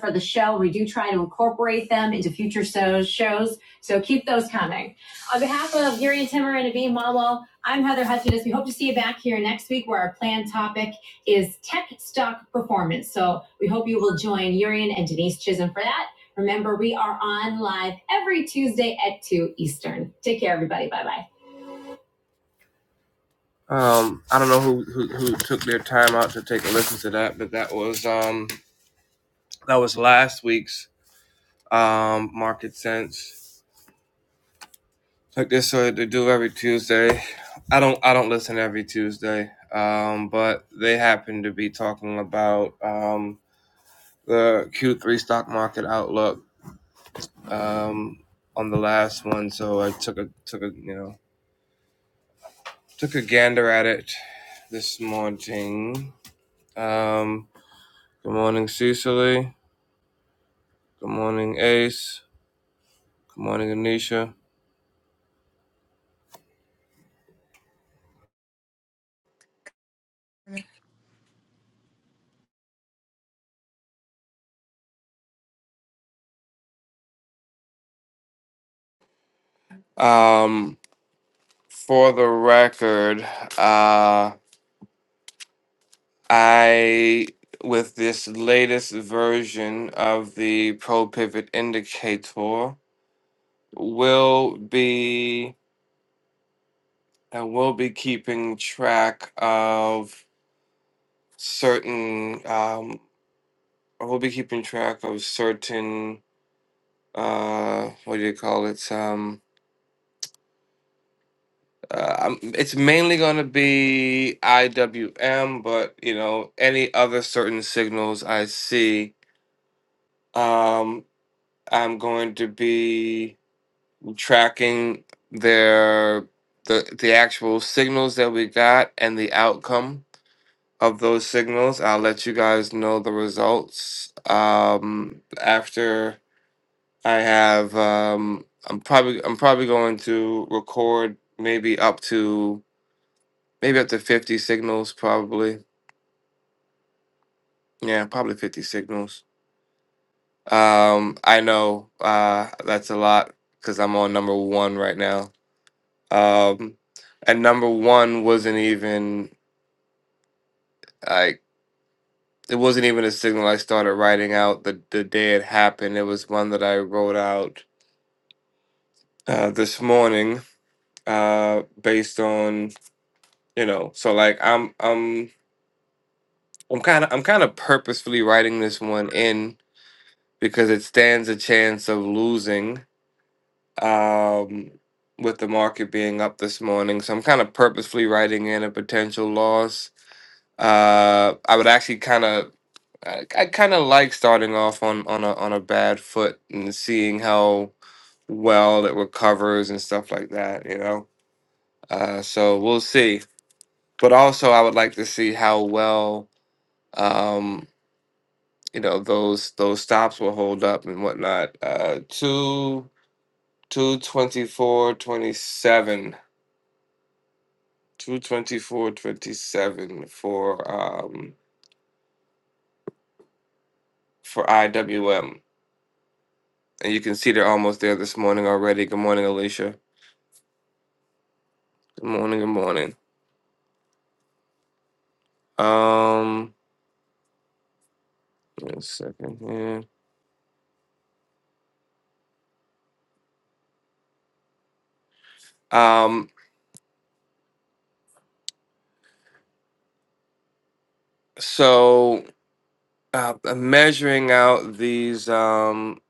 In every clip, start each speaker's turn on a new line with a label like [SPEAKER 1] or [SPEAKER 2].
[SPEAKER 1] for the show. We do try to incorporate them into future shows, so keep those coming. On behalf of Gary and Timmer and Abhi Malwal, I'm Heather Hutchins. We hope to see you back here next week where our planned topic is tech stock performance. So we hope you will join Urian and Denise Chisholm for that. Remember, we are on live every Tuesday at 2 Eastern. Take care, everybody. Bye bye. Um, I don't know who, who who took their time out to take a listen to that, but that was um that was last week's um market sense like this so they do every Tuesday. I don't I don't listen every Tuesday, um, but they happen to be talking about um, the Q3 stock market outlook um, on the last one. So I took a took a you know took a gander at it this morning. Um, good morning, Cecily. Good morning, Ace. Good morning, Anisha. Um, for the record, uh, I with this latest version of the pro pivot indicator will be I will be keeping track of certain um I will be keeping track of certain uh what do you call it um uh, I'm, it's mainly going to be IWM but you know any other certain signals I see um I'm going to be tracking their the the actual signals that we got and the outcome of those signals. I'll let you guys know the results um, after I have. Um, I'm probably I'm probably going to record maybe up to maybe up to 50 signals probably. Yeah, probably 50 signals. Um, I know uh, that's a lot because I'm on number one right now. Um, and number one wasn't even like it wasn't even a signal I started writing out the the day it happened. It was one that I wrote out uh, this morning, uh, based on you know. So like I'm I'm I'm kind of I'm kind of purposefully writing this one in because it stands a chance of losing. Um, with the market being up this morning, so I'm kind of purposefully writing in a potential loss Uh, I would actually kind of, I, I kind of like starting off on on a on a bad foot and seeing how well it recovers and stuff like that. You know, uh, so we'll see. But also, I would like to see how well, um, you know, those those stops will hold up and whatnot. Uh, two two twenty four twenty seven. twenty four twenty seven for um for IWM. And you can see they're almost there this morning already. Good morning, Alicia. Good morning, good morning. Um, one second here. Um, so uh, I'm measuring out these um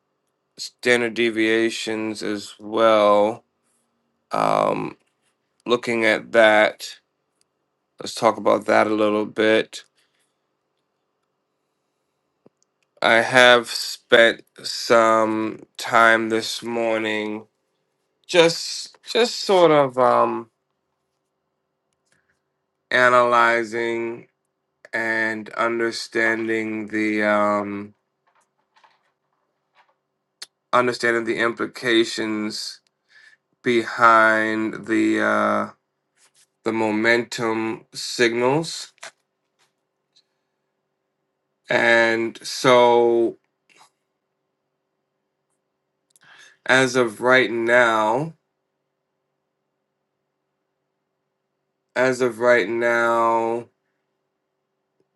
[SPEAKER 1] standard deviations as well. Um, looking at that. Let's talk about that a little bit. I have spent some time this morning just just sort of um analyzing and understanding the um, understanding the implications behind the uh, the momentum signals. And so, as of right now, as of right now,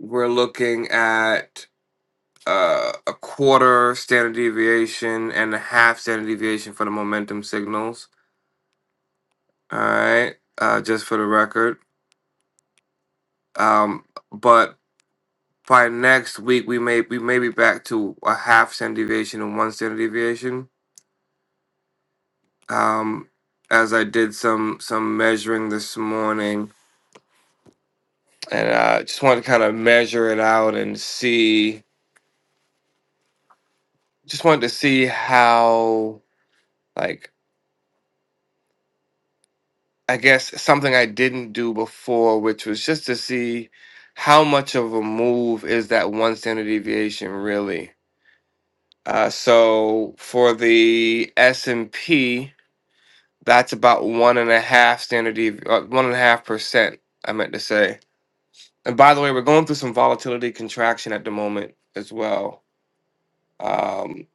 [SPEAKER 1] we're looking at uh, a quarter standard deviation and a half standard deviation for the momentum signals. All right, uh, just for the record. Um, but by next week we may we may be back to a half standard deviation and one standard deviation. Um, as I did some some measuring this morning, and uh, just wanted to kind of measure it out and see. Just wanted to see how like I guess something I didn't do before, which was just to see how much of a move is that one standard deviation really. Uh, so for the S and P, That's about one and a half standard dev- uh, one and a half percent. I meant to say. And by the way, we're going through some volatility contraction at the moment as well. Um,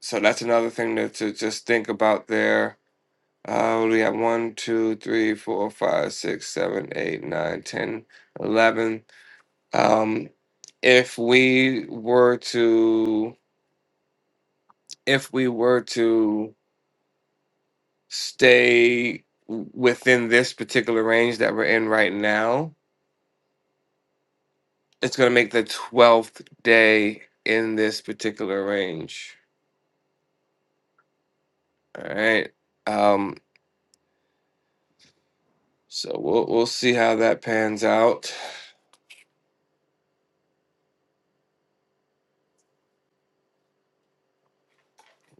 [SPEAKER 1] so that's another thing to, to just think about there. Uh, we have one, two, three, four, five, six, seven, eight, nine, ten, eleven. Um, if we were to, if we were to stay within this particular range that we're in right now, It's going to make the 12th day in this particular range. All right. Um, so we'll, we'll see how that pans out.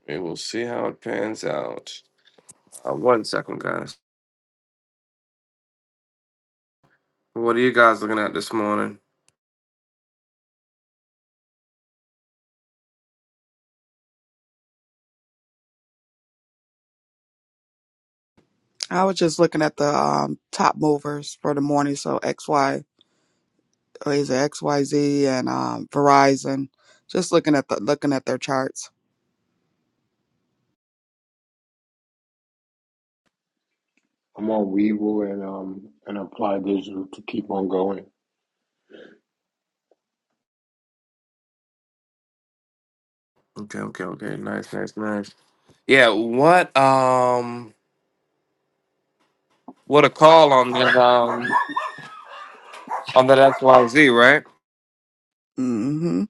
[SPEAKER 1] We will see how it pans out. Uh, one second, guys. What are you guys looking at this morning?
[SPEAKER 2] I was just looking at the um, top movers for the morning. So XY or is it XYZ and um, Verizon? Just looking at the looking at their charts.
[SPEAKER 3] I'm on Weevil and um and Apply Digital to keep on going.
[SPEAKER 1] Okay, okay, okay. Nice, nice, nice. Yeah, what um what a call on the um on that XYZ, right?
[SPEAKER 2] hmm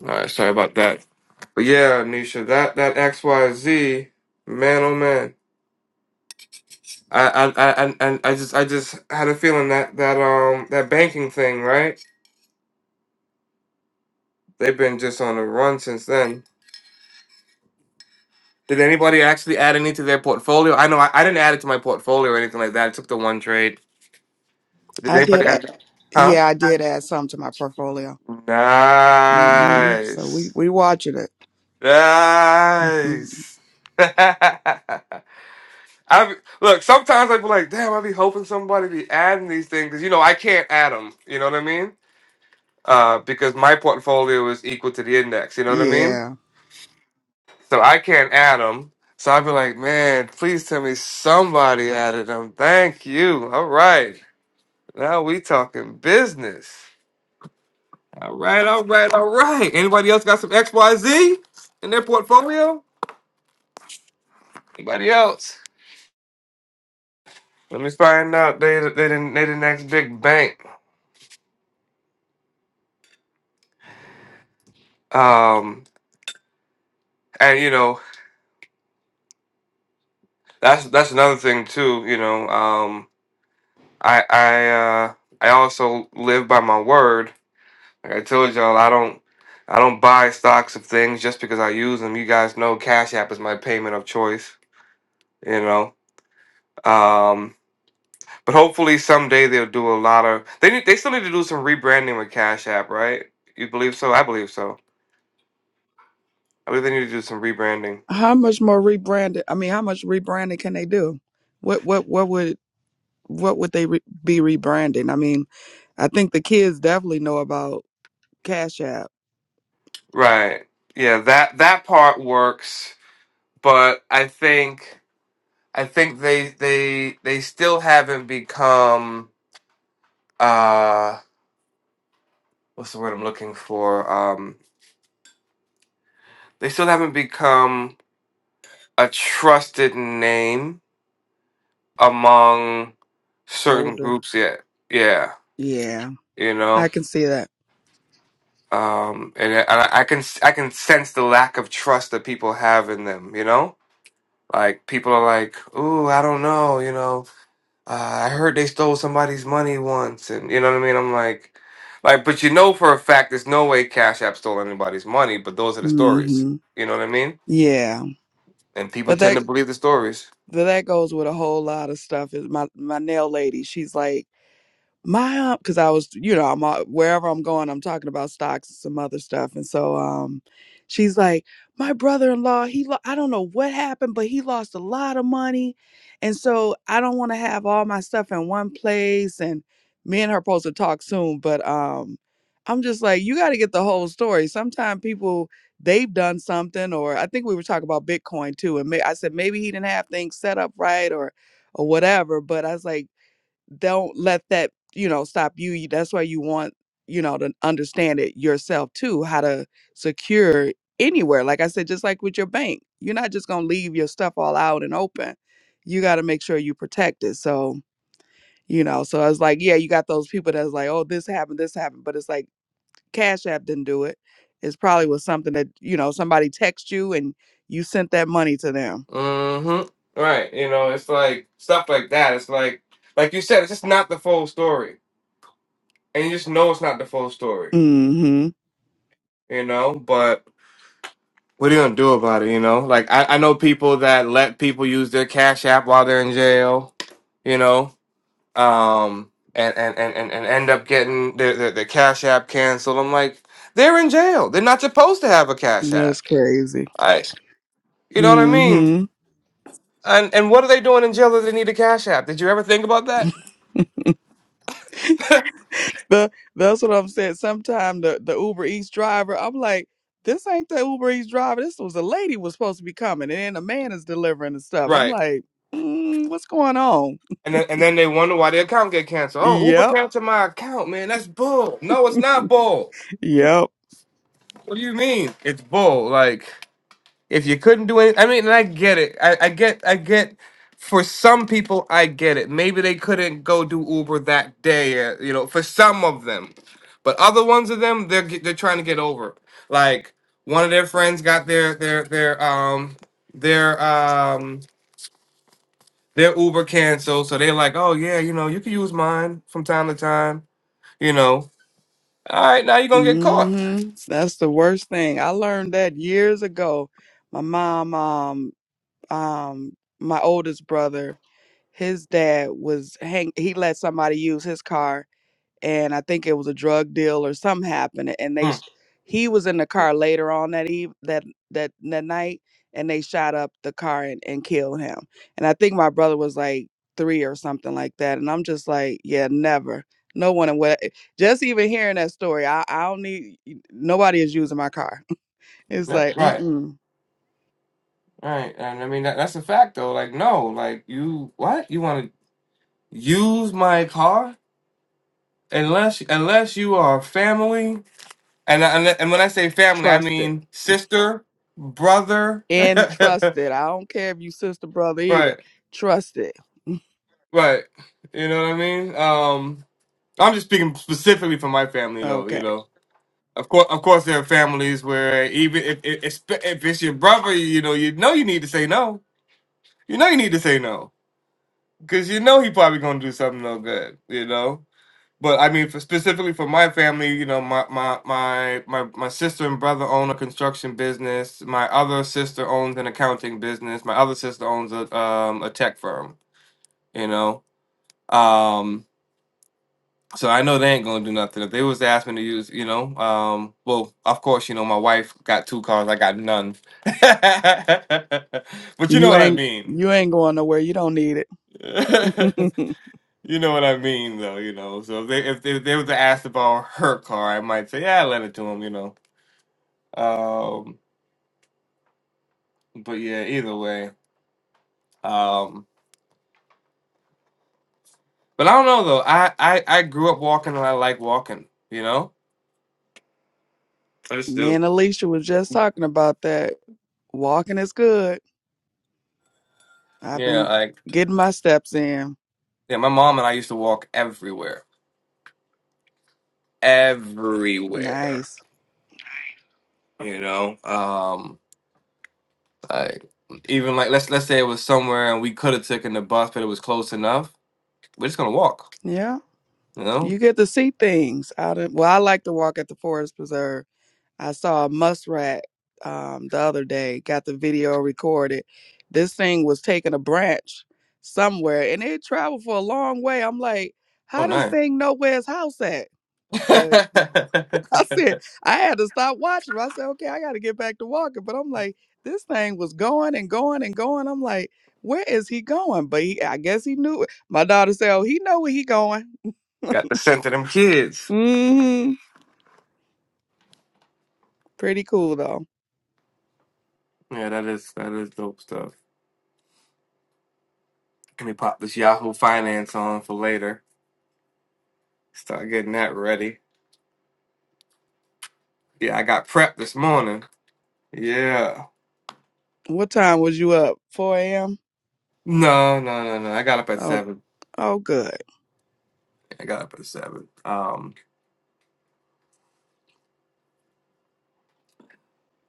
[SPEAKER 1] Alright, sorry about that. But yeah, Nisha, that that XYZ, man oh man. I, I, I, and and I just, I just had a feeling that that um that banking thing, right? They've been just on a run since then. Did anybody actually add any to their portfolio? I know I, I didn't add it to my portfolio or anything like that. I took the one trade. Did
[SPEAKER 2] I did
[SPEAKER 1] anybody?
[SPEAKER 2] it.
[SPEAKER 1] Add, huh?
[SPEAKER 2] Yeah, I did add some to my portfolio. hmm So we
[SPEAKER 1] Nice,
[SPEAKER 2] we watching it. hmm
[SPEAKER 1] nice. I be- look. Sometimes I be like, damn. I be hoping somebody be adding these things because you know I can't add them. You know what I mean? uh, because my portfolio is equal to the index. You know what I mean?
[SPEAKER 2] Yeah.
[SPEAKER 1] So I can't add them. So I'd be like, man, please tell me somebody added them. Thank you. All right. Now we talking business. All right, all right, all right. Anybody else got some XYZ in their portfolio? Anybody else? Let me find out. They they didn't they the next big bank. Um, and you know that's that's another thing too. You know, um, I I uh, I also live by my word Like I told y'all, I don't I don't buy stocks of things just because I use them. You guys know Cash App is my payment of choice, you know. Um, but hopefully someday they'll do a lot of they need they still need to do some rebranding with Cash App, right? You believe so? I believe so. I believe they need to do some rebranding.
[SPEAKER 2] How much more rebranded? I mean, how much rebranding can they do? What what what would what would they re- be rebranding? I mean, I think the kids definitely know about Cash App
[SPEAKER 1] Right. Yeah, that that part works, but I think I think they they they still haven't become uh what's the word I'm looking for? Um they still haven't become a trusted name among certain
[SPEAKER 2] older.
[SPEAKER 1] groups yeah, Yeah,
[SPEAKER 2] Yeah,
[SPEAKER 1] you
[SPEAKER 2] I
[SPEAKER 1] know,
[SPEAKER 2] can see that.
[SPEAKER 1] um, and, I- and I I can I can sense the lack of trust that people have in them. You know, like people are like, "Ooh, I don't know," you know. Uh, I heard they stole somebody's money once, and you know what I mean. I'm like, like, but you know for a fact, there's no way Cash App stole anybody's money. But those are the stories.
[SPEAKER 2] hmm
[SPEAKER 1] You know what I mean?
[SPEAKER 2] Yeah,
[SPEAKER 1] And people
[SPEAKER 2] but
[SPEAKER 1] tend
[SPEAKER 2] that
[SPEAKER 1] to believe the stories.
[SPEAKER 2] but that goes with a whole lot of stuff. Is my my nail lady? She's like. my because i was you know i'm uh, wherever i'm going i'm talking about stocks and some other stuff and so um she's like my brother-in-law he lo- i don't know what happened but he lost a lot of money and so i don't want to have all my stuff in one place and me and her supposed to talk soon but um i'm just like you got to get the whole story sometimes people they've done something or i think we were talking about bitcoin too and may- i said maybe he didn't have things set up right or or whatever but i was like don't let that you know stop you You- that's why you want you know to understand it yourself too how to secure anywhere like i said just like with your bank you're not just going to leave your stuff all out and open you got to make sure you protect it so you know so i was like yeah you got those people that's like oh this happened this happened but it's like cash app didn't do it it's probably was something that you know somebody text you and you sent that money to them
[SPEAKER 1] Mm-hmm. Right. You know, it's like stuff like that. It's like, like you said, it's just not the full story, and you just know it's not the full story.
[SPEAKER 2] mhm
[SPEAKER 1] You know, but what are you gonna do about it? You know, like I, I know people that let people use their Cash App while they're in jail. You know, um, and and and and, and end up getting their, their their Cash App canceled. I'm like, they're in jail. They're not supposed to have a Cash
[SPEAKER 2] that's
[SPEAKER 1] App.
[SPEAKER 2] crazy
[SPEAKER 1] I, you know what I
[SPEAKER 2] Mm hmm.
[SPEAKER 1] mean? And and what are they doing in jail that they need a Cash App? Did you ever think about that?
[SPEAKER 2] The, that's what I'm saying. Sometime the, the Uber Eats driver, I'm like, this ain't the Uber Eats driver. This was a lady was supposed to be coming, and then a man is delivering the stuff. I'm
[SPEAKER 1] Right.
[SPEAKER 2] like, mm, what's going on?
[SPEAKER 1] And then, and then they wonder why their account get canceled. Oh, Uber
[SPEAKER 2] Yep,
[SPEAKER 1] canceled my account, man. That's bull. No, it's not bull.
[SPEAKER 2] yep.
[SPEAKER 1] What do you mean? It's bull. Like if you couldn't do anything, I mean, and I get it. I, I get, I get. For some people, I get it. Maybe they couldn't go do Uber that day. uh, You know, for some of them, but other ones of them, they're get- they're trying to get over. it. Like one of their friends got their their their um their um their Uber canceled, so they're like, oh yeah, you know, you can use mine from time to time You know, all right, now you're gonna get caught.
[SPEAKER 2] hmm That's the worst thing. I learned that years ago. My mom, um, um, my oldest brother, his dad was hang. He let somebody use his car and I think it was a drug deal or something happened. And they,
[SPEAKER 1] Mm,
[SPEAKER 2] sh- he was in the car later on that eve that that that night, and they shot up the car and, and killed him. And I think my brother was like three or something like that. And I'm just like, yeah, never. No one would just even hearing that story. I, I don't need nobody is using my car. It's
[SPEAKER 1] yeah,
[SPEAKER 2] like,
[SPEAKER 1] right,
[SPEAKER 2] mm-mm,
[SPEAKER 1] right. And I mean, that, that's a fact though. Like, no, like you, what? You want to use my car? Unless, unless you are family, and I- and, and when I say family, I
[SPEAKER 2] trust it
[SPEAKER 1] mean sister, brother,
[SPEAKER 2] and trust
[SPEAKER 1] right,
[SPEAKER 2] it. I don't care if you sister brother either.
[SPEAKER 1] right.
[SPEAKER 2] Trust it.
[SPEAKER 1] You know what I mean? Um, I'm just speaking specifically for my family though. You
[SPEAKER 2] Okay,
[SPEAKER 1] know, of course, of course, there are families where even if if, if it's your brother, you know, you know, you need to say no You know you need to say no because you know he probably gonna do something no good. You know, but I mean, for, specifically for my family, you know, my my my my my sister and brother own a construction business. My other sister owns an accounting business. My other sister owns a um a tech firm. You know, um. So I know they ain't gonna do nothing. If they was to ask me to use, you know, um, well, of course, you know, my wife got two cars, I got none. but you know
[SPEAKER 2] you
[SPEAKER 1] what I
[SPEAKER 2] ain't
[SPEAKER 1] mean.
[SPEAKER 2] you ain't going nowhere. You don't need it. Me
[SPEAKER 1] You know what I mean, though. You know, so if they if they, if they were to ask about her car, I might say, yeah, I lent it to him. You know, um, but yeah, either way. Um, but I don't know though. I I I grew up walking, and I like walking. You know, I just do.
[SPEAKER 2] and Alicia was just talking about that. Walking is good. I've
[SPEAKER 1] Yeah,
[SPEAKER 2] been
[SPEAKER 1] like
[SPEAKER 2] getting my steps in.
[SPEAKER 1] yeah, my mom and I used to walk everywhere, everywhere.
[SPEAKER 2] Nice.
[SPEAKER 1] You know, um, like even like let's let's say it was somewhere and we could have taken the bus, but it was close enough. We're just gonna walk.
[SPEAKER 2] Yeah.
[SPEAKER 1] You
[SPEAKER 2] You
[SPEAKER 1] know,
[SPEAKER 2] get to see things out in well, I like to walk at the forest preserve. I saw a muskrat um the other day, got the video recorded. This thing was taking a branch somewhere and it traveled for a long way. I'm like,
[SPEAKER 1] oh
[SPEAKER 2] how does
[SPEAKER 1] nice.
[SPEAKER 2] thing know where his house at? But I said, I had to stop watching. 'em. I said, okay, I got to get back to walking. But I'm like, this thing was going and going and going. I'm like, where is he going? But he, I guess he knew it. My daughter said, oh, he know where he going.
[SPEAKER 1] Got the scent of them kids.
[SPEAKER 2] Mm-hmm. Pretty cool though.
[SPEAKER 1] Yeah, that is that is dope stuff. Let me pop this Yahoo Finance on for later. Start getting that ready. Yeah, I got prep this morning. Yeah.
[SPEAKER 2] What time was you up? 4 a.m.
[SPEAKER 1] No, no, no, no. I got up at
[SPEAKER 2] Oh,
[SPEAKER 1] seven.
[SPEAKER 2] oh, good.
[SPEAKER 1] I got up at seven. Um,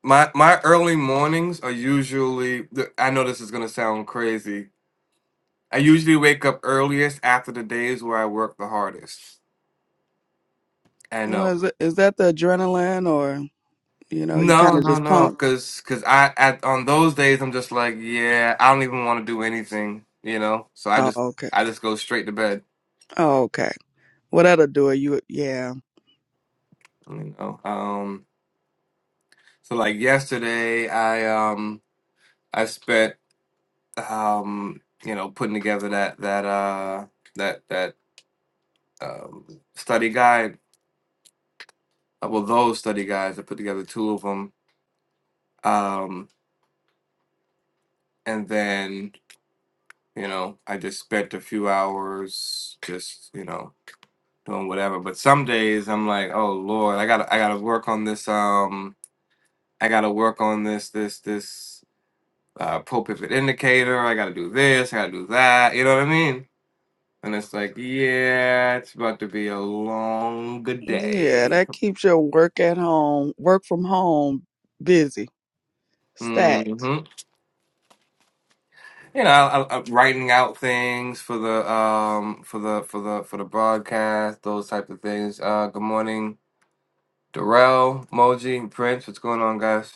[SPEAKER 1] my my early mornings are usually. th- I know this is gonna sound crazy. I usually wake up earliest after the days where I work the hardest. I know.
[SPEAKER 2] Was it? Is that the adrenaline, or you know, you kind
[SPEAKER 1] No,
[SPEAKER 2] of
[SPEAKER 1] no,
[SPEAKER 2] just
[SPEAKER 1] no,
[SPEAKER 2] pumped?
[SPEAKER 1] because cause 'cause I at on those days I'm just like, yeah, I don't even want to do anything, you know. So I
[SPEAKER 2] Oh,
[SPEAKER 1] just
[SPEAKER 2] okay.
[SPEAKER 1] I just go straight to bed,
[SPEAKER 2] Oh, okay. Well, that'll do it. You, yeah,
[SPEAKER 1] you know. Um, so like yesterday, I um I spent um you know putting together that that uh that that um study guide, uh, well those study guides. I put together two of them, um, and then you know I just spent a few hours just you know. doing whatever. But some days I'm like, oh Lord, I gotta I gotta work on this um I gotta work on this this this uh pull pivot indicator, I gotta do this, I gotta do that, you know what I mean? And it's like, yeah, it's about to be a long good
[SPEAKER 2] yeah.
[SPEAKER 1] day.
[SPEAKER 2] That keeps your work at home, work from home, busy.
[SPEAKER 1] hmm
[SPEAKER 2] Stacked.
[SPEAKER 1] You know, I, I, I'm writing out things for the um for the for the for the broadcast, those type of things. Uh, good morning, Darrell, Moji, Prince. What's going on, guys?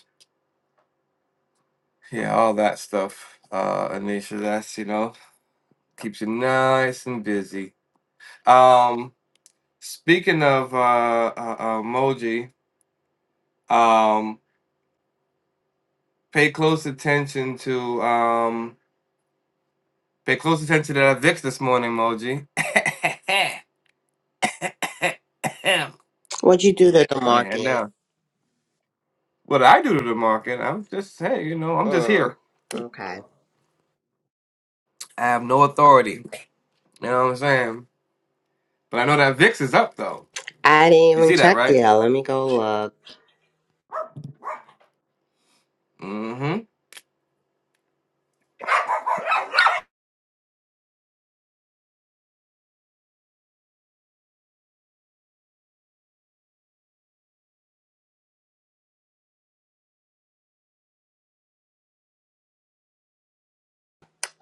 [SPEAKER 1] Yeah, all that stuff, uh, Anisha. That's you know keeps you nice and busy. Um, speaking of uh, uh, uh, emoji, um, pay close attention to um, pay close attention to that Vix this morning, emoji. yeah,
[SPEAKER 4] What'd you do to the
[SPEAKER 1] and
[SPEAKER 4] market?
[SPEAKER 1] now what I do to the market, I'm just hey, you know, I'm just
[SPEAKER 4] Mm,
[SPEAKER 1] here.
[SPEAKER 4] okay.
[SPEAKER 1] I have no authority. You know what I'm saying? But I know that Vix is up though.
[SPEAKER 4] I didn't
[SPEAKER 1] You
[SPEAKER 4] even
[SPEAKER 1] see that,
[SPEAKER 4] check
[SPEAKER 1] right?
[SPEAKER 4] yet. Let me go look.
[SPEAKER 1] Mm-hmm.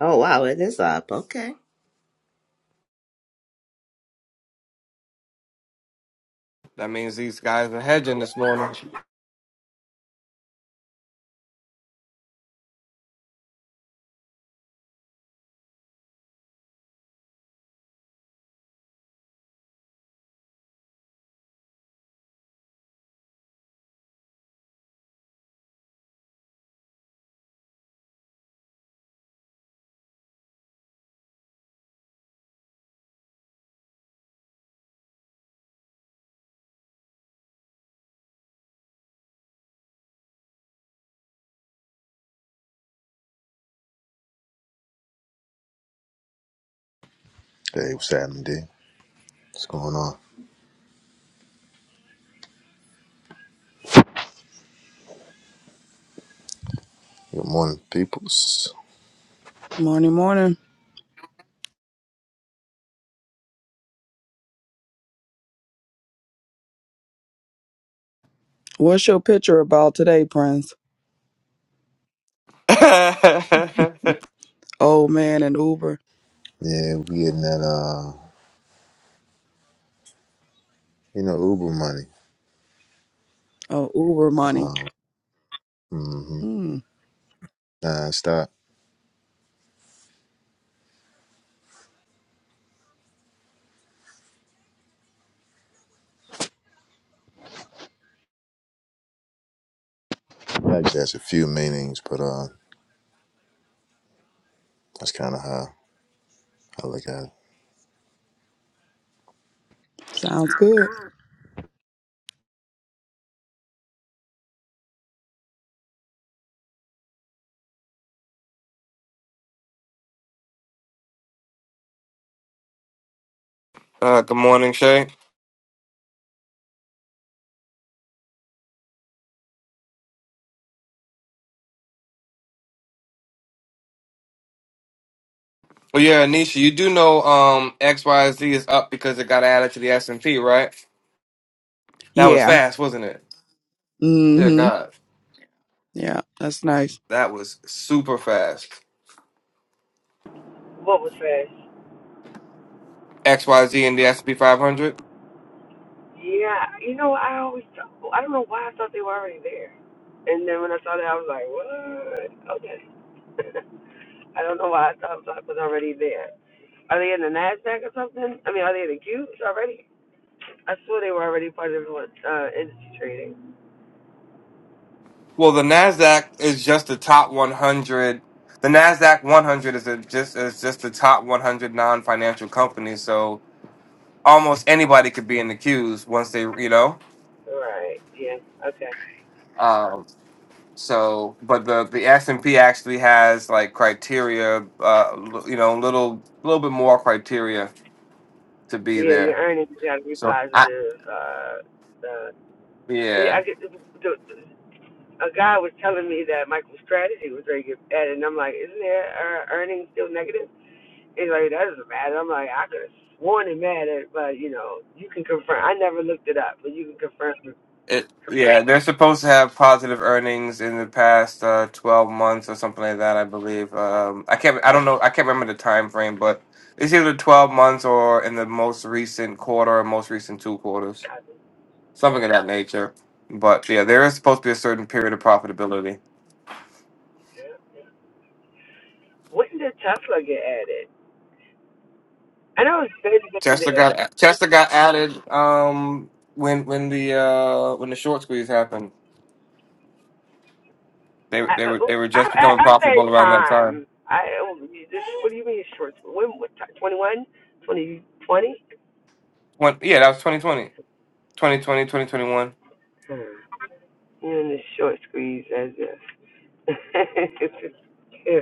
[SPEAKER 4] Oh wow, it is up. Okay.
[SPEAKER 1] That means these guys are hedging this morning.
[SPEAKER 5] Today was Saturday. What's going on? Good morning, peoples.
[SPEAKER 2] Morning, morning. What's your picture about today, Prince?
[SPEAKER 1] uh,
[SPEAKER 2] Old man and Uber.
[SPEAKER 5] Yeah, we getting that uh, you know, Uber money.
[SPEAKER 2] Oh, Uber money.
[SPEAKER 5] Uh, mm-hmm.
[SPEAKER 2] Mm,
[SPEAKER 5] Nah, stop. That has a few meanings, but uh, that's kind of how I look at it.
[SPEAKER 2] sounds good.
[SPEAKER 1] good morning, Shay. Well, yeah, Anisha, you do know um XYZ is up because it got added to the S and P, right? That was
[SPEAKER 2] Yeah.
[SPEAKER 1] fast, wasn't it? Dear
[SPEAKER 2] Mm-hmm.
[SPEAKER 1] God,
[SPEAKER 2] Yeah, that's nice.
[SPEAKER 1] that was super fast.
[SPEAKER 6] What was fast?
[SPEAKER 1] XYZ and the S and P 500.
[SPEAKER 6] Yeah, you know, I always, I don't know why I thought they were already there. And then when I saw that, I was like, what? Okay. I don't know why I thought Black was already there. Are they in the NASDAQ or something? I mean, are they in the Qs already? I swore they were already part of what, uh, industry trading.
[SPEAKER 1] Well, the Nasdaq is just the top 100. The Nasdaq 100 is a, just is just the top 100 non-financial companies. So almost anybody could be in the queues once they, you know.
[SPEAKER 6] Right, yeah, okay.
[SPEAKER 1] Um, So, but the the S and P actually has like criteria, uh, l- you know, a little little bit more criteria to be
[SPEAKER 6] Yeah, your
[SPEAKER 1] there.
[SPEAKER 6] earnings got to be
[SPEAKER 1] So, I,
[SPEAKER 6] positive. Uh, uh, can- I
[SPEAKER 1] yeah,
[SPEAKER 6] get, the, the, a guy was telling me that MicroStrategy was very good at it, and I'm like, isn't their uh, earnings still negative? It's like, that doesn't matter. I'm like, I could have sworn it mattered, but, you know, you can confirm. I never looked it up, but you can confirm. with
[SPEAKER 1] it yeah, they're supposed to have positive earnings in the past uh, twelve months or something like that. I believe. Um, I can't. I don't know. I can't remember the time frame, but it's either twelve months or in the most recent quarter or most recent two quarters, something of that nature. But yeah, there is supposed to be a certain period of profitability.
[SPEAKER 6] When did Tesla get added? I know it's been
[SPEAKER 1] Tester
[SPEAKER 6] there.
[SPEAKER 1] got Tester got added um, when when the uh, when the short squeeze happened. They
[SPEAKER 6] I,
[SPEAKER 1] they were they were
[SPEAKER 6] I,
[SPEAKER 1] just
[SPEAKER 6] I,
[SPEAKER 1] becoming
[SPEAKER 6] I'm saying
[SPEAKER 1] profitable around that time.
[SPEAKER 6] time. I, this, what do you mean short? When, what, ti- 21? 2020?
[SPEAKER 1] When, yeah, that was 2020. 2020,
[SPEAKER 6] You're in the short squeeze, as if. Yeah.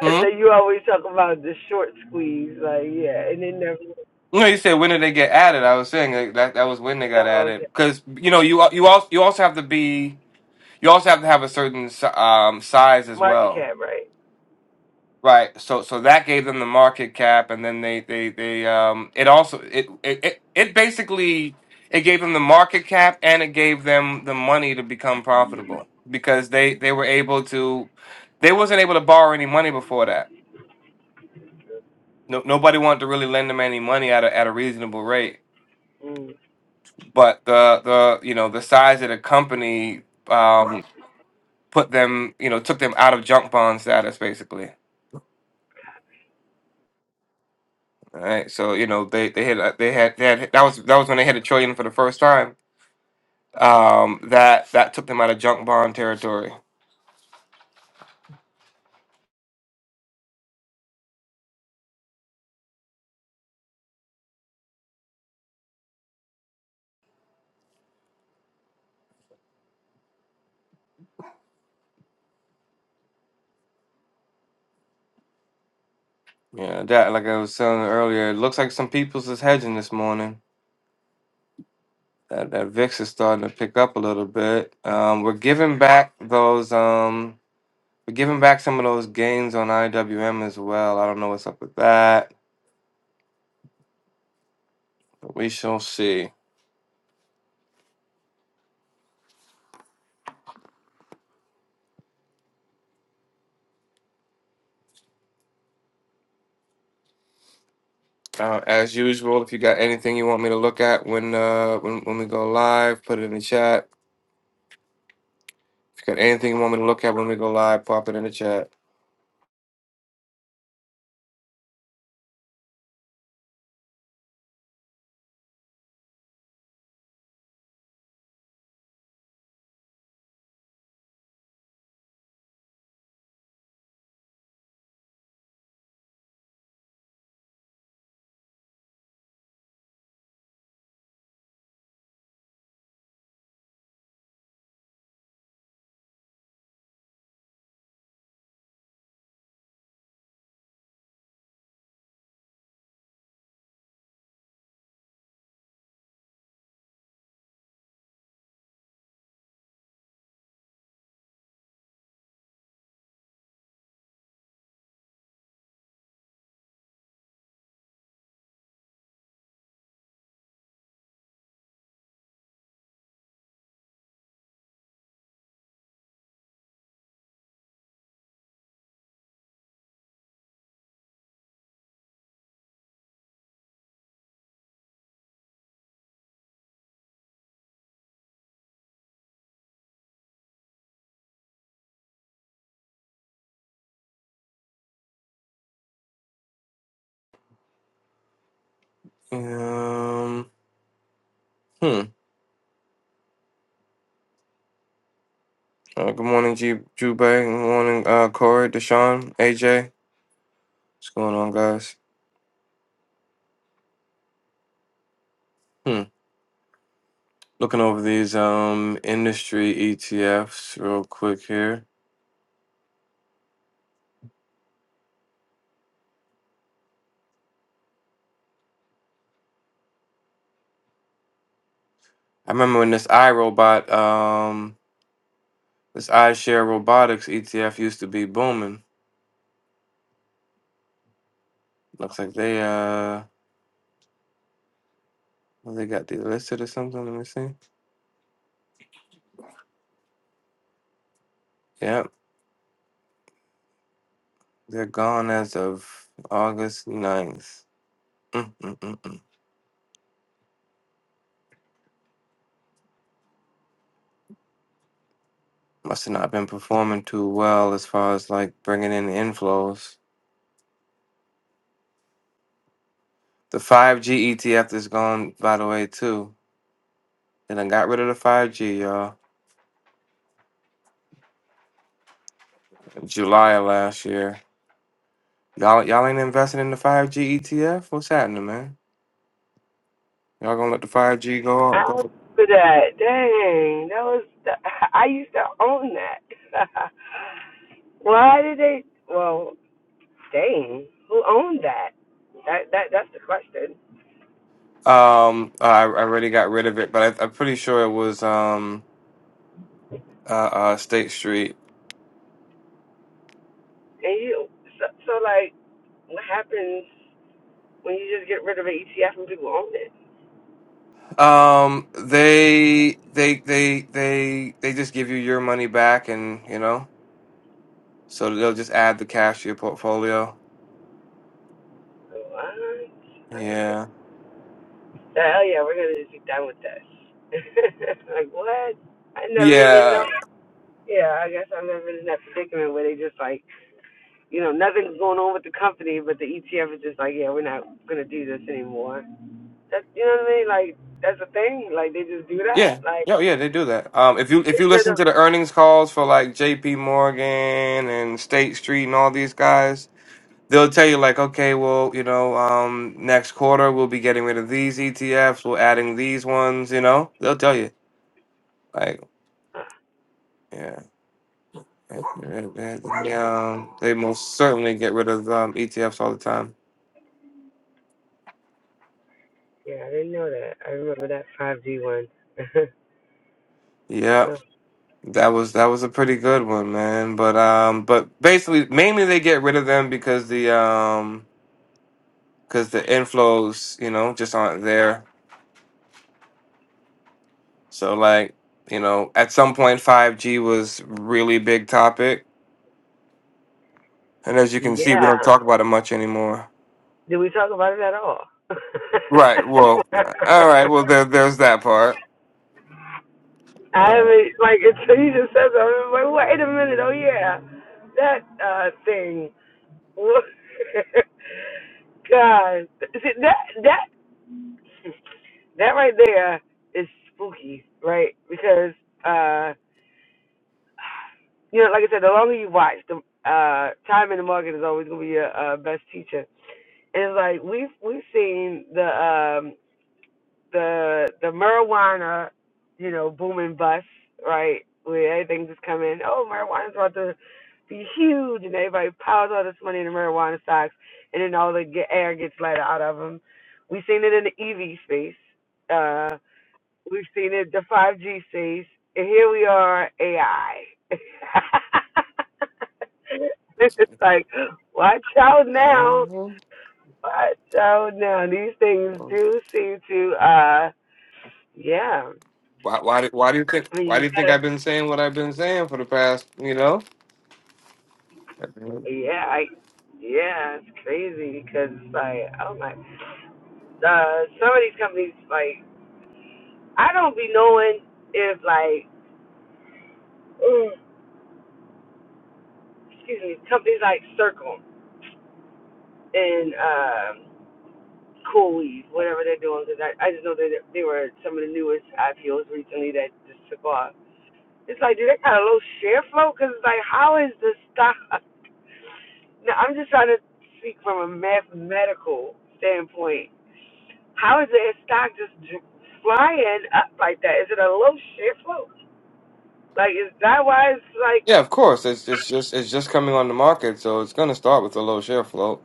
[SPEAKER 6] I
[SPEAKER 1] Hmm?
[SPEAKER 6] say you always talk about the short squeeze, like yeah, and then never.
[SPEAKER 1] No, you said when did they get added? I was saying like, that that was when they got
[SPEAKER 6] Oh, okay.
[SPEAKER 1] added because you know you al- you also you also have to be you also have to have a certain si- um, size as
[SPEAKER 6] Market
[SPEAKER 1] well.
[SPEAKER 6] cap, right?
[SPEAKER 1] Right. So so that gave them the market cap and then they they they um it also it it it, it basically it gave them the market cap and it gave them the money to become profitable because they they were able to they wasn't able to borrow any money before that. No, nobody wanted to really lend them any money at a at a reasonable rate.
[SPEAKER 6] Mm.
[SPEAKER 1] But the the you know the size of the company um put them you know took them out of junk bond status basically. All right, so you know they they had uh, they had they had that was that was when they hit a trillion for the first time. Um, that that took them out of junk bond territory. Yeah, that like I was saying earlier, it looks like some people's is hedging this morning. That that VIX is starting to pick up a little bit. Um, we're giving back those um we're giving back some of those gains on IWM as well. I don't know what's up with that. We shall see. Uh, as usual, if you got anything you want me to look at when uh when when we go live, put it in the chat If you got anything you want me to look at when we go live, pop it in the chat. Um, hmm. Uh, good morning, G- Drew Bay. Good morning, uh, Corey, Deshaun, AJ. What's going on, guys? Hmm. Looking over these um industry ETFs real quick here. I remember when this iRobot, um, this iShare Robotics ETF used to be booming. Looks like they uh, well, they got delisted or something. Let me see. Yep, they're gone as of August ninth. Mm, mm, mm, must have not been performing too well as far as like bringing in inflows. The 5G ETF is gone, by the way, too. They done got rid of the 5G, y'all. in July of last year. Y'all, y'all ain't investing in the 5G ETF. What's happening, man? Y'all gonna let the 5G go? Go.
[SPEAKER 6] After that, dang, that was I used to own that. Why did they? Well, dang, who owned that? That that that's the question.
[SPEAKER 1] Um, uh, I, I already got rid of it, but I, I'm pretty sure it was um uh, uh State Street.
[SPEAKER 6] And you, so, so like, what happens when you just get rid of an ETF and people own it?
[SPEAKER 1] Um, they they they they they just give you your money back, and you know So they'll just add the cash to your portfolio.
[SPEAKER 6] What? I don't like.
[SPEAKER 1] Yeah.
[SPEAKER 6] That. Oh yeah, we're gonna just be done with this. like what? I never even know.
[SPEAKER 1] Yeah.
[SPEAKER 6] Yeah, I guess i am never in that predicament where they just like you know, nothing's going on with the company, but the ETF is just like, yeah, we're not gonna do this anymore. That's you know what I mean? Like that's a thing. Like they just do that.
[SPEAKER 1] Yeah.
[SPEAKER 6] Like
[SPEAKER 1] Yo, yeah, they do that. Um, if you if
[SPEAKER 6] get
[SPEAKER 1] you
[SPEAKER 6] rid
[SPEAKER 1] listen
[SPEAKER 6] of.
[SPEAKER 1] to the earnings calls for like J.P. Morgan and State Street and all these guys, they'll tell you like, okay, well, you know, um, next quarter we'll be getting rid of these ETFs, we're adding these ones. You know, they'll tell you like, yeah, yeah, they, um, they most certainly get rid of um, ETFs all the time.
[SPEAKER 6] Yeah, I didn't know that. I remember that 5G one.
[SPEAKER 1] Yeah. That was that was a pretty good one, man. But um, but basically, mainly they get rid of them because the um, because the inflows, you know, just aren't there. So like, you know, at some point, five G was really big topic, and as you can see, we don't
[SPEAKER 6] yeah.
[SPEAKER 1] talk about it much anymore.
[SPEAKER 6] Did we talk about it at all?
[SPEAKER 1] Right. Well, all right. Well, there there's that part.
[SPEAKER 6] I
[SPEAKER 1] Uh,
[SPEAKER 6] haven't like until you just said that. I was like, wait a minute. Oh yeah, that uh thing. God, See, that that That right there is spooky, right? Because uh, you know, like I said, the longer you watch, the uh, time in the market is always gonna be your uh, best teacher. And it's like we've we've seen the um, the the marijuana, you know, booming bust, right? Where everything just come in. Oh, marijuana's about to be huge, and everybody piles all this money in the marijuana stocks, and then all the ge- air gets let out of them. We've seen it in the EV space. Uh, We've seen it, the 5G space, and here we are, AI. it's like, watch out now.
[SPEAKER 1] uh,
[SPEAKER 6] Watch out now. These things do seem to, uh, yeah.
[SPEAKER 1] why why do, why do you think
[SPEAKER 6] I mean,
[SPEAKER 1] why
[SPEAKER 6] you
[SPEAKER 1] do you
[SPEAKER 6] just
[SPEAKER 1] think
[SPEAKER 6] gotta,
[SPEAKER 1] I've been saying what I've been saying for the past, you know?
[SPEAKER 6] yeah, I, yeah, it's crazy because, like, oh my, uh, some of these companies, like, I don't be knowing if, like, ooh, excuse me, companies like Circle and, um, Cool Weed, whatever they're doing, because I, I just know that they were some of the newest IPOs recently that just took off. It's like, do they got a low share flow? Because it's like, how is the stock? Now, I'm just trying to speak from a mathematical standpoint. How is the stock just flying up like that? Is it a low share flow? Like, is that why it's like,
[SPEAKER 1] Yeah, of course. It's it's just it's just coming on the market, so it's going to start with a low share float.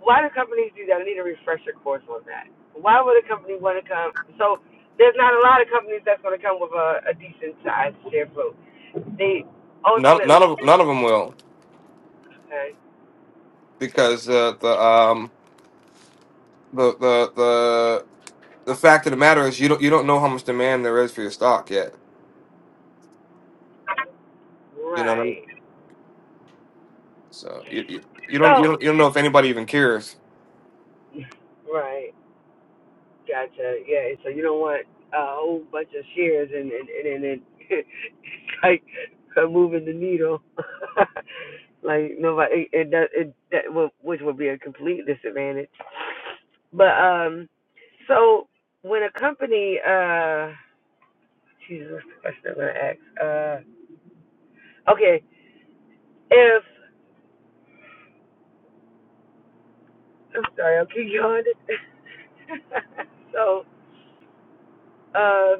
[SPEAKER 6] why do companies do that? I need a refresher course on that. Why would a company want to come? So, there's not a lot of companies that's going to come with a, a decent size share float. They
[SPEAKER 1] None none
[SPEAKER 6] ultimately,
[SPEAKER 1] of none of them will
[SPEAKER 6] okay,
[SPEAKER 1] because uh, the um the the the the fact of the matter is you don't you don't know how much demand there is for your stock yet. You know what I mean?
[SPEAKER 6] right.
[SPEAKER 1] So you you, you don't you don't
[SPEAKER 6] So,
[SPEAKER 1] you don't know if anybody even cares.
[SPEAKER 6] right, gotcha. Yeah, so you don't want a whole bunch of shares and and and, and it, like uh, moving the needle. like nobody, it, it, does- it that would, which would be a complete disadvantage. But um, so when a company, uh, Jesus, what's the question I'm gonna ask? Uh, okay, if I'm sorry, I'll keep going. so, um,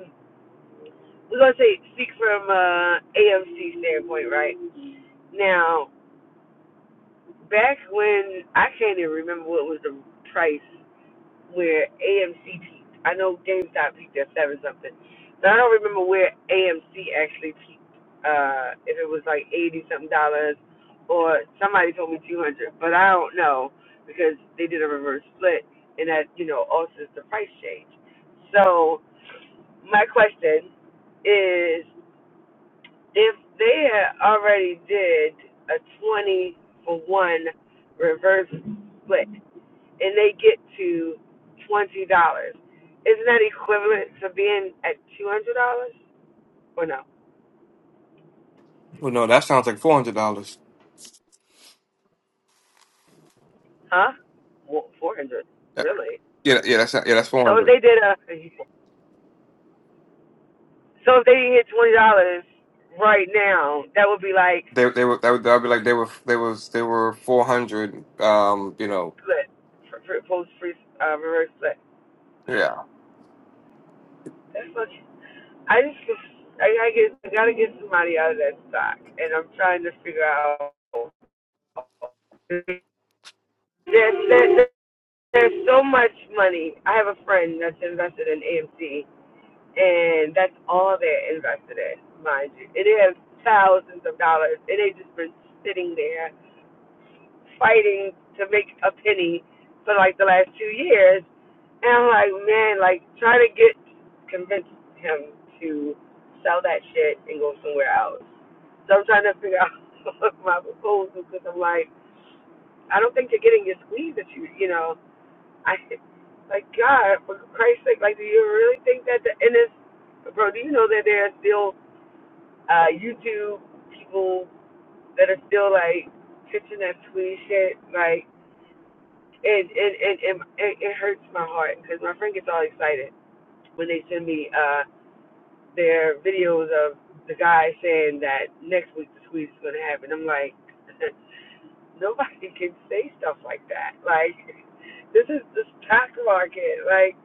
[SPEAKER 6] we're gonna say speak from uh AMC standpoint, right? Now, back when I can't even remember what was the price where AMC peaked. I know GameStop peaked at seven something, but I don't remember where AMC actually peaked. Uh, if it was like eighty something dollars, or somebody told me two hundred, but I don't know because they did a reverse split, and that you know also is the price change. So my question is if they had already did a 20 for one reverse split and they get to $20, isn't that equivalent to being at $200 or no?
[SPEAKER 1] Well, no, that sounds like four hundred dollars.
[SPEAKER 6] Huh? 400
[SPEAKER 1] Yeah,
[SPEAKER 6] really?
[SPEAKER 1] yeah, yeah, that's yeah, that's four
[SPEAKER 6] So if
[SPEAKER 1] hundred.
[SPEAKER 6] they did a, so if they hit $20 right now, that would be like
[SPEAKER 1] They they were that would that would be like they were they was they were four hundred. Um, you know,
[SPEAKER 6] split, for, for, post free, uh, reverse split.
[SPEAKER 1] yeah.
[SPEAKER 6] That's much. I just, I gotta get, I gotta get somebody out of that stock, and I'm trying to figure out. There's, there's, there's so much money. I have a friend that's invested in AMC, and that's all they're invested in, mind you. And they have thousands of dollars, and they just been sitting there fighting to make a penny for like the last two years. And I'm like, man, like try to get convince him to sell that shit and go somewhere else. So I'm trying to figure out my proposal because I'm like, I don't think you're getting your squeeze that you, you know. I like God for Christ's sake, like do you really think that the and it's bro? Do you know that there are still uh YouTube people that are still like pitching that squeeze shit, like it it it it, it it hurts my heart because my friend gets all excited when they send me uh their videos of the guy saying that next week the squeeze is gonna happen. I'm like, nobody can say stuff like that. Like this is the stock market. Like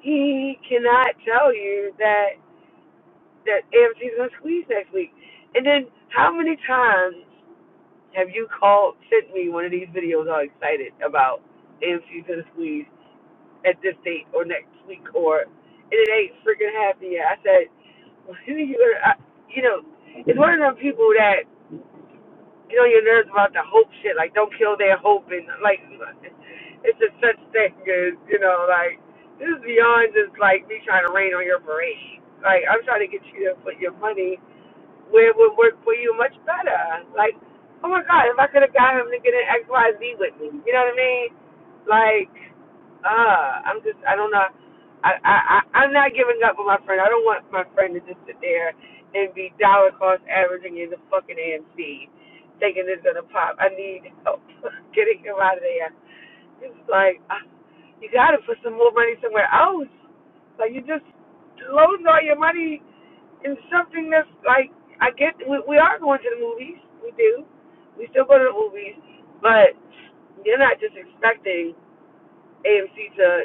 [SPEAKER 6] he cannot tell you that that AMC is gonna squeeze next week. And then how many times have you called sent me one of these videos all excited about AMC's gonna squeeze? at this date or next week or and it ain't freaking happening yet. I said, well, who you gonna, I, you know, it's one of them people that get on your nerves about the hope shit, like don't kill their hope and like it's just such thing as, you know, like this is beyond just like me trying to rain on your parade. Like I'm trying to get you to put your money where it would work for you much better. Like, oh my God, if I could have got him to get an X Y Z with me, you know what I mean? Like, uh, I'm just, I don't know. I, I, I, I'm not giving up on my friend. I don't want my friend to just sit there and be dollar cost averaging in the fucking AMC, thinking it's gonna pop. I need help getting him out of there. It's like ah, you gotta put some more money somewhere else. Like you just loading all your money it's something that's like I get we, we are going to the movies. We do. We still go to the movies, but you're not just expecting AMC to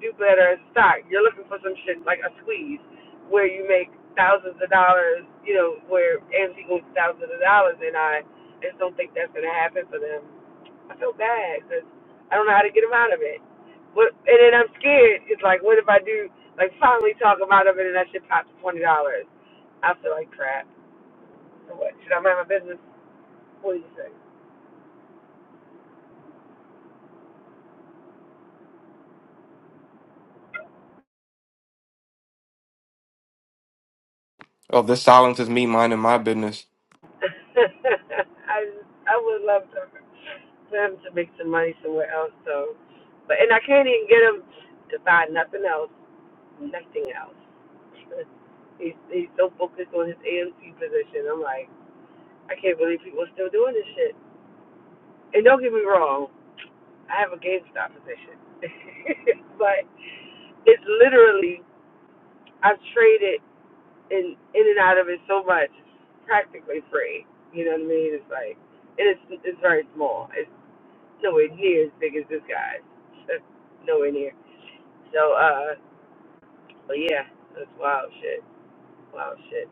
[SPEAKER 6] do better in stock. You're looking for some shit like a squeeze where you make thousands of dollars, you know, where AMC goes thousands of dollars, and I just don't think that's going to happen for them. I feel bad because I don't know how to get them out of it. But and then I'm scared. It's like, what if I do like finally talk them out of it and that shit pops twenty dollars? I feel like crap. So what? Should I mind my business? What do you think?
[SPEAKER 1] Oh, this silence is me minding my business.
[SPEAKER 6] I I would love to. him to make some money somewhere else. So, but and I can't even get him to buy nothing else, nothing else. he's he's so focused on his AMC position. I'm like, I can't believe people are still doing this shit. And don't get me wrong, I have a GameStop position, but it's literally I've traded in in and out of it so much, practically free. You know what I mean? It's like, and it's it's very small. It's nowhere near as big as this guy's. nowhere near So, uh, but yeah, that's wild shit. Wild shit.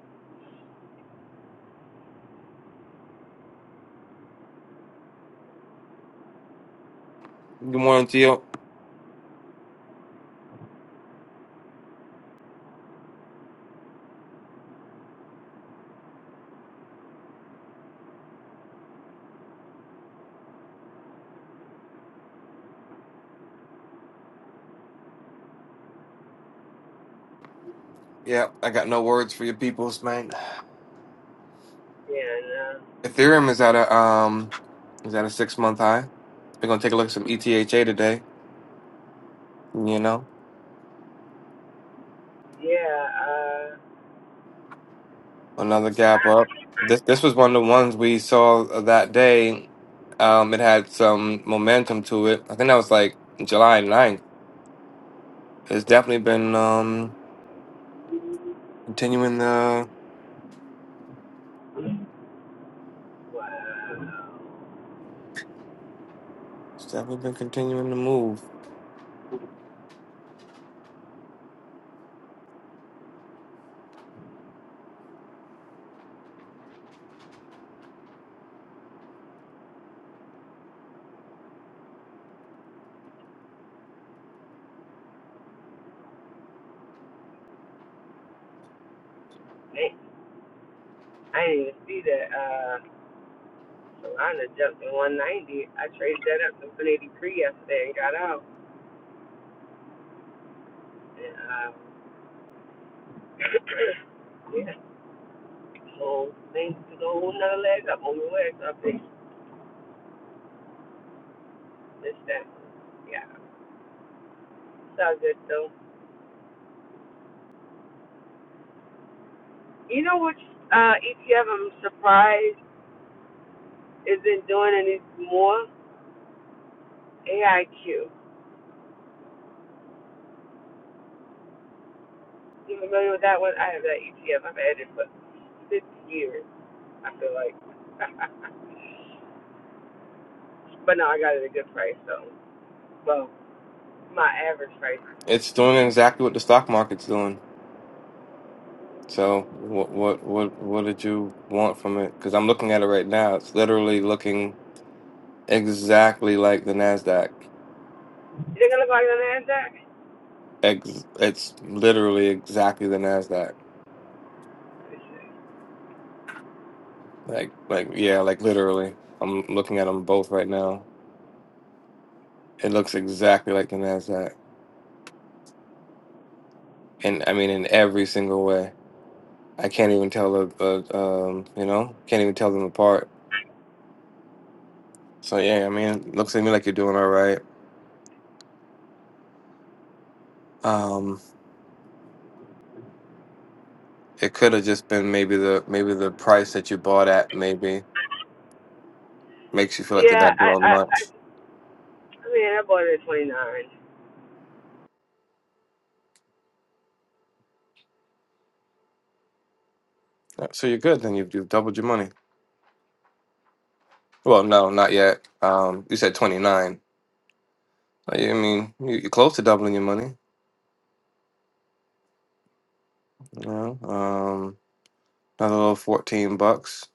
[SPEAKER 1] Good morning, Teal. Yeah, I got no words for your peoples, man.
[SPEAKER 6] Yeah, and, uh,
[SPEAKER 1] Ethereum is at a um is at a six month high. We're gonna take a look at some ETHA today. You know,
[SPEAKER 6] yeah, uh,
[SPEAKER 1] another gap up. This this was one of the ones we saw that day. Um, it had some momentum to it. I think that was like July ninth. It's definitely been um continuing the.
[SPEAKER 6] wow.
[SPEAKER 1] It's definitely been continuing to move.
[SPEAKER 6] Hey, I didn't even see that, uh, Solana jumped to 190. I traded that up to 183 yesterday and got out. And, uh, yeah, so things took a whole nother leg up on the way, so I think missed that. Yeah, it's all good though. You know which uh, ETF I'm surprised isn't doing any more? AIQ. You familiar with that one? I have that ETF. I've had it for six years. I feel like, but no, I got it at a good price. So, well, my average price. Is good.
[SPEAKER 1] It's doing exactly what the stock market's doing. So what what what what did you want from it? Because I'm looking at it right now. It's literally looking exactly like the Nasdaq.
[SPEAKER 6] You think I look like an Nasdaq?
[SPEAKER 1] Ex- it's literally exactly the Nasdaq. Like like yeah, like literally. I'm looking at them both right now. It looks exactly like the Nasdaq, and I mean in every single way. I can't even tell the uh, um you know can't even tell them apart. So yeah, I mean, it looks to me like you're doing all right. Um, It could have just been maybe the maybe the price that you bought at maybe makes you feel like they're
[SPEAKER 6] Yeah,
[SPEAKER 1] not
[SPEAKER 6] I,
[SPEAKER 1] doing
[SPEAKER 6] I, I,
[SPEAKER 1] much.
[SPEAKER 6] I mean, I bought it at twenty nine.
[SPEAKER 1] Yeah, So you're good. Then you've you've doubled your money. Well, no, not yet. Um, you said twenty nine. I mean, you- you're close to doubling your money. You know, um, another little fourteen bucks.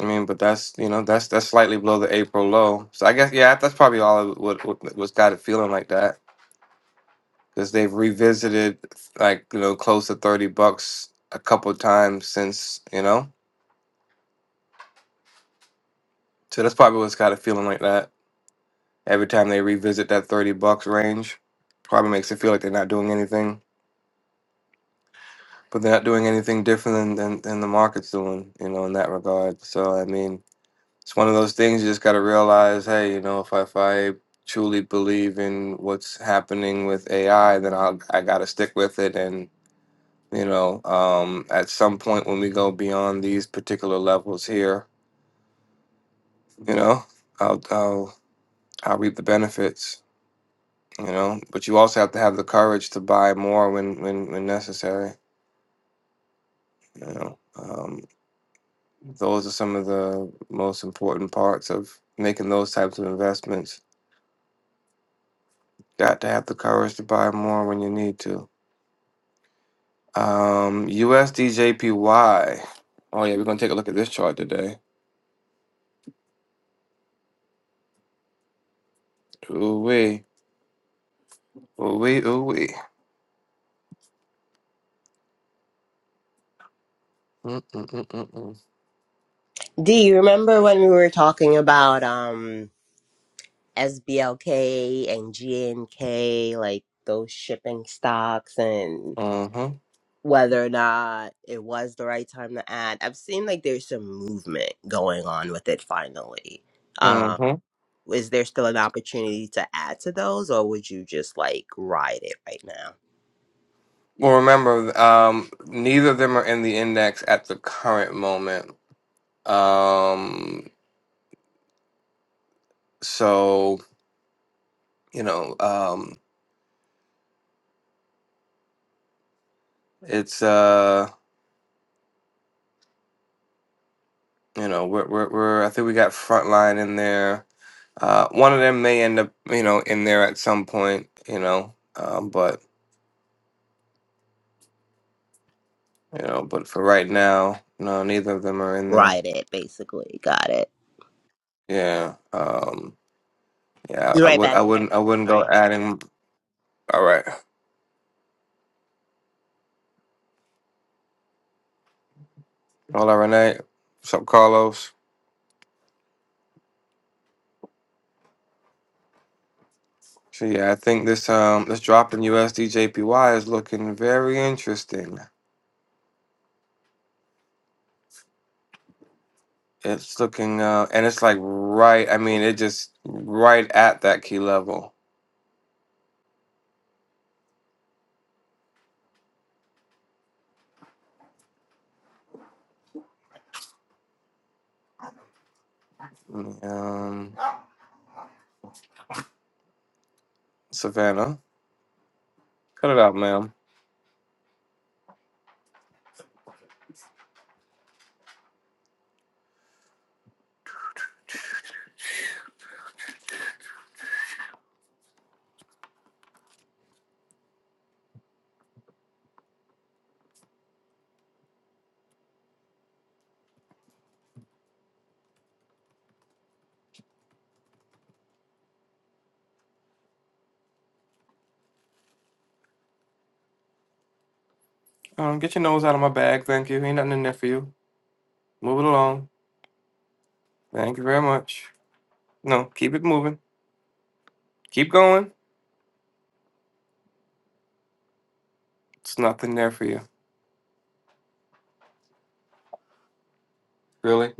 [SPEAKER 1] I mean, but that's you know that's that's slightly below the April low. So I guess yeah, that's probably all of what what, what's got it feeling like that because they've revisited like you know close to thirty bucks a couple times since you know. So that's probably what's kind of feeling like that. Every time they revisit that 30 bucks range, probably makes it feel like they're not doing anything, but they're not doing anything different than, than, than the market's doing, you know, in that regard. So, I mean, it's one of those things you just got to realize hey, you know, if I, if I truly believe in what's happening with AI, then I'll, I got to stick with it. And, you know, um, at some point when we go beyond these particular levels here, you know, I'll, I'll, I'll reap the benefits. you know but you also have to have the courage to buy more when when when necessary you know um those are some of the most important parts of making those types of investments got to have the courage to buy more when you need to um usdjpy oh yeah we're gonna take a look at this chart today ooh wee ooh wee ooh wee Mm-mm-mm-mm-mm.
[SPEAKER 4] Do you remember when we were talking about um SBLK and GNK, like those shipping stocks and
[SPEAKER 1] Mm-hmm.
[SPEAKER 4] whether or not it was the right time to add? I've seen like there's some movement going on with it finally. Um,
[SPEAKER 1] Mm-hmm.
[SPEAKER 4] is there still an opportunity to add to those or would you just like ride it right now?
[SPEAKER 1] Well, remember, um, neither of them are in the index at the current moment. Um, so you know um it's uh you know we're we're, we're i think we got frontline in there uh one of them may end up you know in there at some point you know um but you know but for right now no neither of them are in there
[SPEAKER 4] rioted, basically. Got it.
[SPEAKER 1] yeah um yeah
[SPEAKER 4] Be
[SPEAKER 1] i
[SPEAKER 4] right
[SPEAKER 1] would i
[SPEAKER 4] back. Be right back.
[SPEAKER 1] wouldn't i wouldn't go
[SPEAKER 4] Sorry.
[SPEAKER 1] adding all right hola renee what's up carlos so yeah i think this um this drop in usd jpy is looking very interesting It's looking, uh, and it's like right. I mean, it just right at that key level. Um, Savannah, cut it out, ma'am. Um, get your nose out of my bag. Thank you. Ain't nothing in there for you. Move it along. Thank you very much. No, keep it moving. Keep going. It's nothing there for you. Really?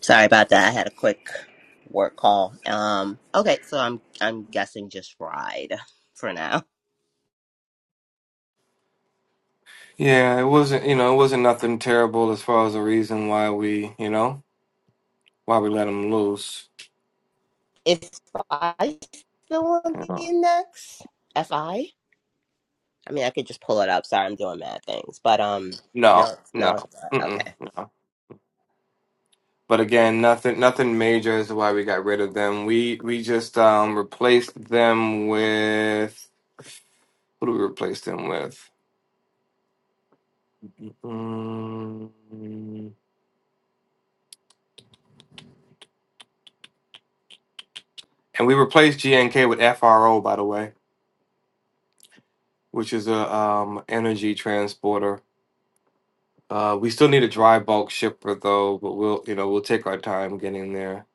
[SPEAKER 4] Sorry about that. I had a quick work call. Um okay, so I'm I'm guessing just ride for now.
[SPEAKER 1] Yeah, it wasn't. You know, it wasn't nothing terrible as far as the reason why we, you know, why we let him loose.
[SPEAKER 4] If I still on
[SPEAKER 1] You
[SPEAKER 4] the
[SPEAKER 1] know?
[SPEAKER 4] index? FI? I I mean I could just pull it up. Sorry, I'm doing mad things. But um
[SPEAKER 1] No,
[SPEAKER 4] no no it's
[SPEAKER 1] no,
[SPEAKER 4] not.
[SPEAKER 1] mm-mm,
[SPEAKER 4] Okay.
[SPEAKER 1] no. But again, nothing nothing major is why we got rid of them. We we just um replaced them with what do we replace them with? Mm, And we replaced GNK with FRO, by the way, which is a um energy transporter. Uh, we still need a dry bulk shipper though, but we'll you know we'll take our time getting there.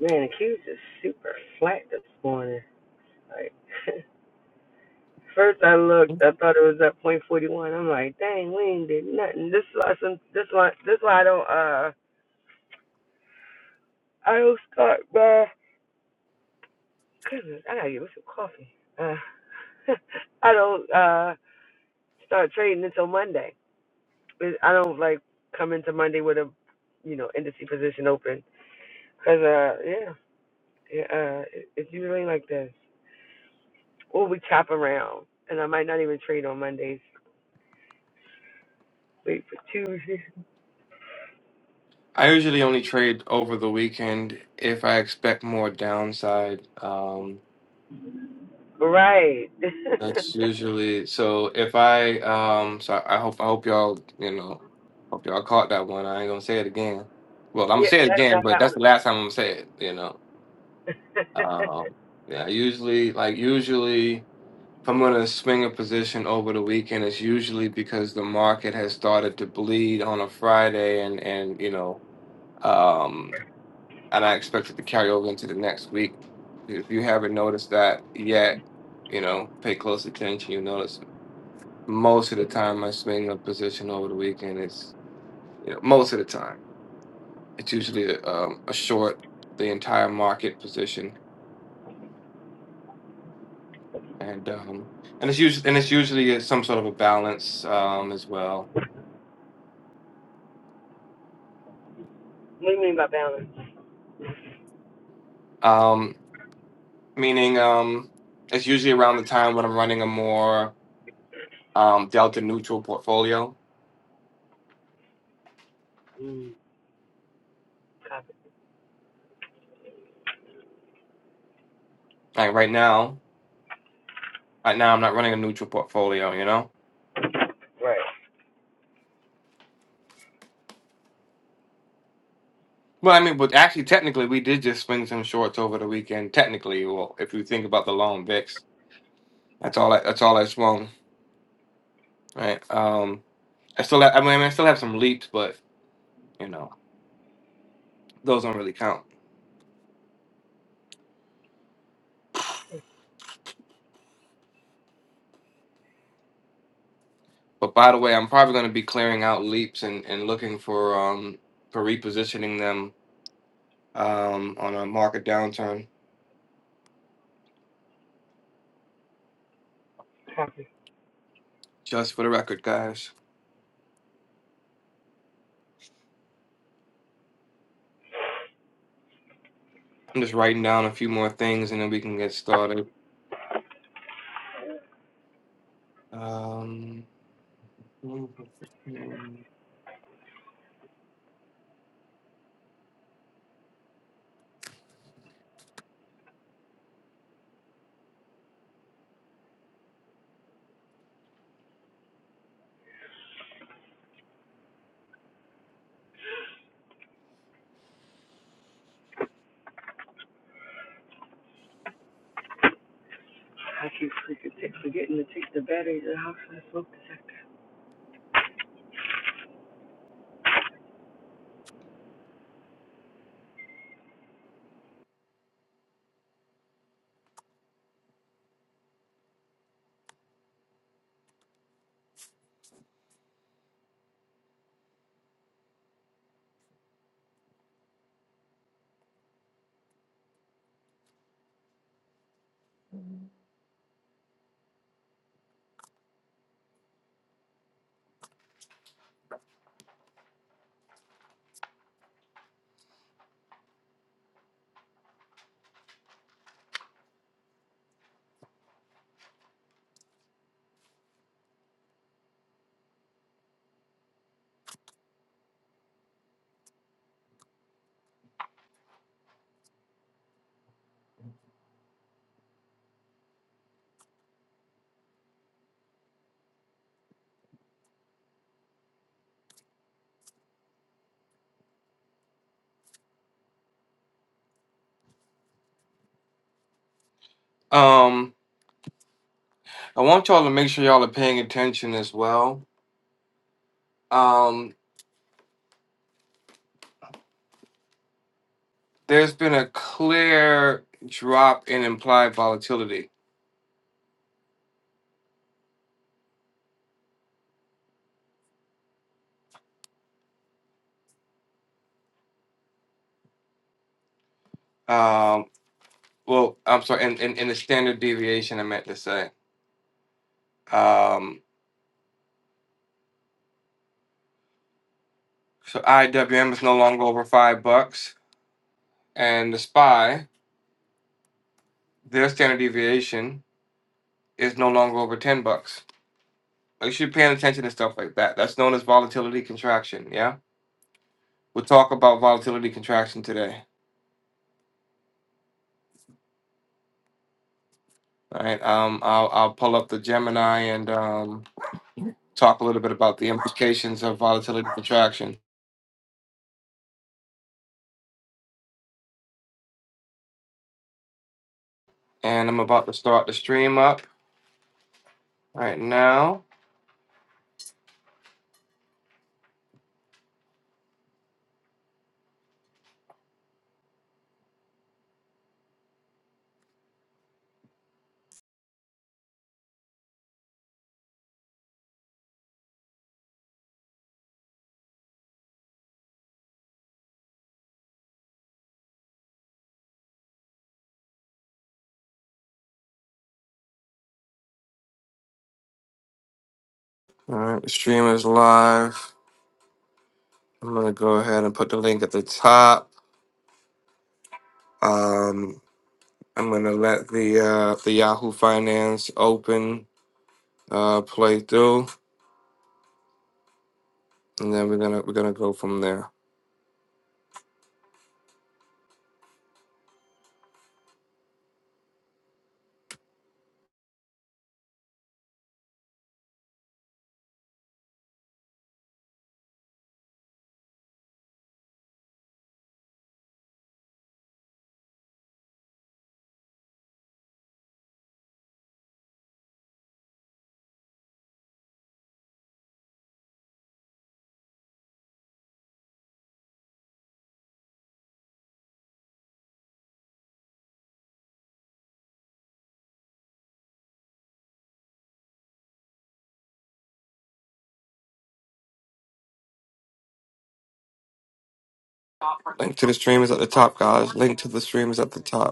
[SPEAKER 6] Man, the Q's is super flat this morning. Like, first I looked, I thought it was at point forty one. I'm like, dang, we ain't did nothing. This is why, some, this why, this why I don't, uh, I don't start, bruh. Goodness, I gotta get me some coffee. Uh, I don't uh start trading until Monday. I don't like come into Monday with a you know industry position open because uh yeah yeah uh it, it's usually like this. Or we chop around, and I might not even trade on Mondays. Wait for Tuesday.
[SPEAKER 1] I usually only trade over the weekend if I expect more downside. Um,
[SPEAKER 6] Right.
[SPEAKER 1] that's usually so. If I um, so I hope I hope y'all you know hope y'all caught that one. I ain't gonna say it again. Well, I'm gonna
[SPEAKER 6] yeah,
[SPEAKER 1] say it
[SPEAKER 6] that's not
[SPEAKER 1] again, but
[SPEAKER 6] that
[SPEAKER 1] that's
[SPEAKER 6] one.
[SPEAKER 1] the last time I'm gonna say it. You know. Um, yeah. Usually, like usually, if I'm gonna swing a position over the weekend, it's usually because the market has started to bleed on a Friday, and and you know. Um, and I expect it to carry over into the next week. If you haven't noticed that yet, you know, pay close attention. You notice most of the time I swing a position over the weekend. It's you know most of the time it's usually a, um, a short the entire market position, and um, and it's usually and it's usually uh, some sort of a balance um, as well.
[SPEAKER 6] what do you mean by balance?
[SPEAKER 1] Um, meaning um, it's usually around the time when I'm running a more um, delta neutral portfolio.
[SPEAKER 6] Mm, copy.
[SPEAKER 1] Like right now, Right now, I'm not running a neutral portfolio, you know?
[SPEAKER 6] Right.
[SPEAKER 1] Well, I mean, but actually, technically, we did just swing some shorts over the weekend. Technically, well, if you think about the long VIX, that's all. I, that's all I swung, right? Um, I still, have, I mean, I still have some leaps, but you know, those don't really count. But by the way, I'm probably going to be clearing out leaps and, and looking for um for repositioning them um on a market downturn.
[SPEAKER 6] Copy.
[SPEAKER 1] Just for the record, guys, I'm just writing down a few more things, and then we can get started. Um.
[SPEAKER 6] I keep freaking forgetting to take the batteries out to the smoke detector.
[SPEAKER 1] Um, I want y'all to make sure y'all are paying attention as well. Um, there's been a clear drop in implied volatility. Um, well, I'm sorry, in, in, in the standard deviation, I meant to say. Um, so IWM is no longer over five bucks, and the SPY, their standard deviation, is no longer over 10 bucks. Make sure you're paying attention to stuff like that. That's known as volatility contraction. Yeah. We'll talk about volatility contraction today. All right. Um, I'll I'll pull up the Gemini and um, talk a little bit about the implications of volatility contraction. And I'm about to start the stream up right now. All right, the stream is live. I'm gonna go ahead and put the link at the top. Um, I'm gonna let the uh, the Yahoo Finance open uh, play through, and then we're gonna we're gonna go from there. Link to the stream is at the top, guys. Link to the stream is at the top.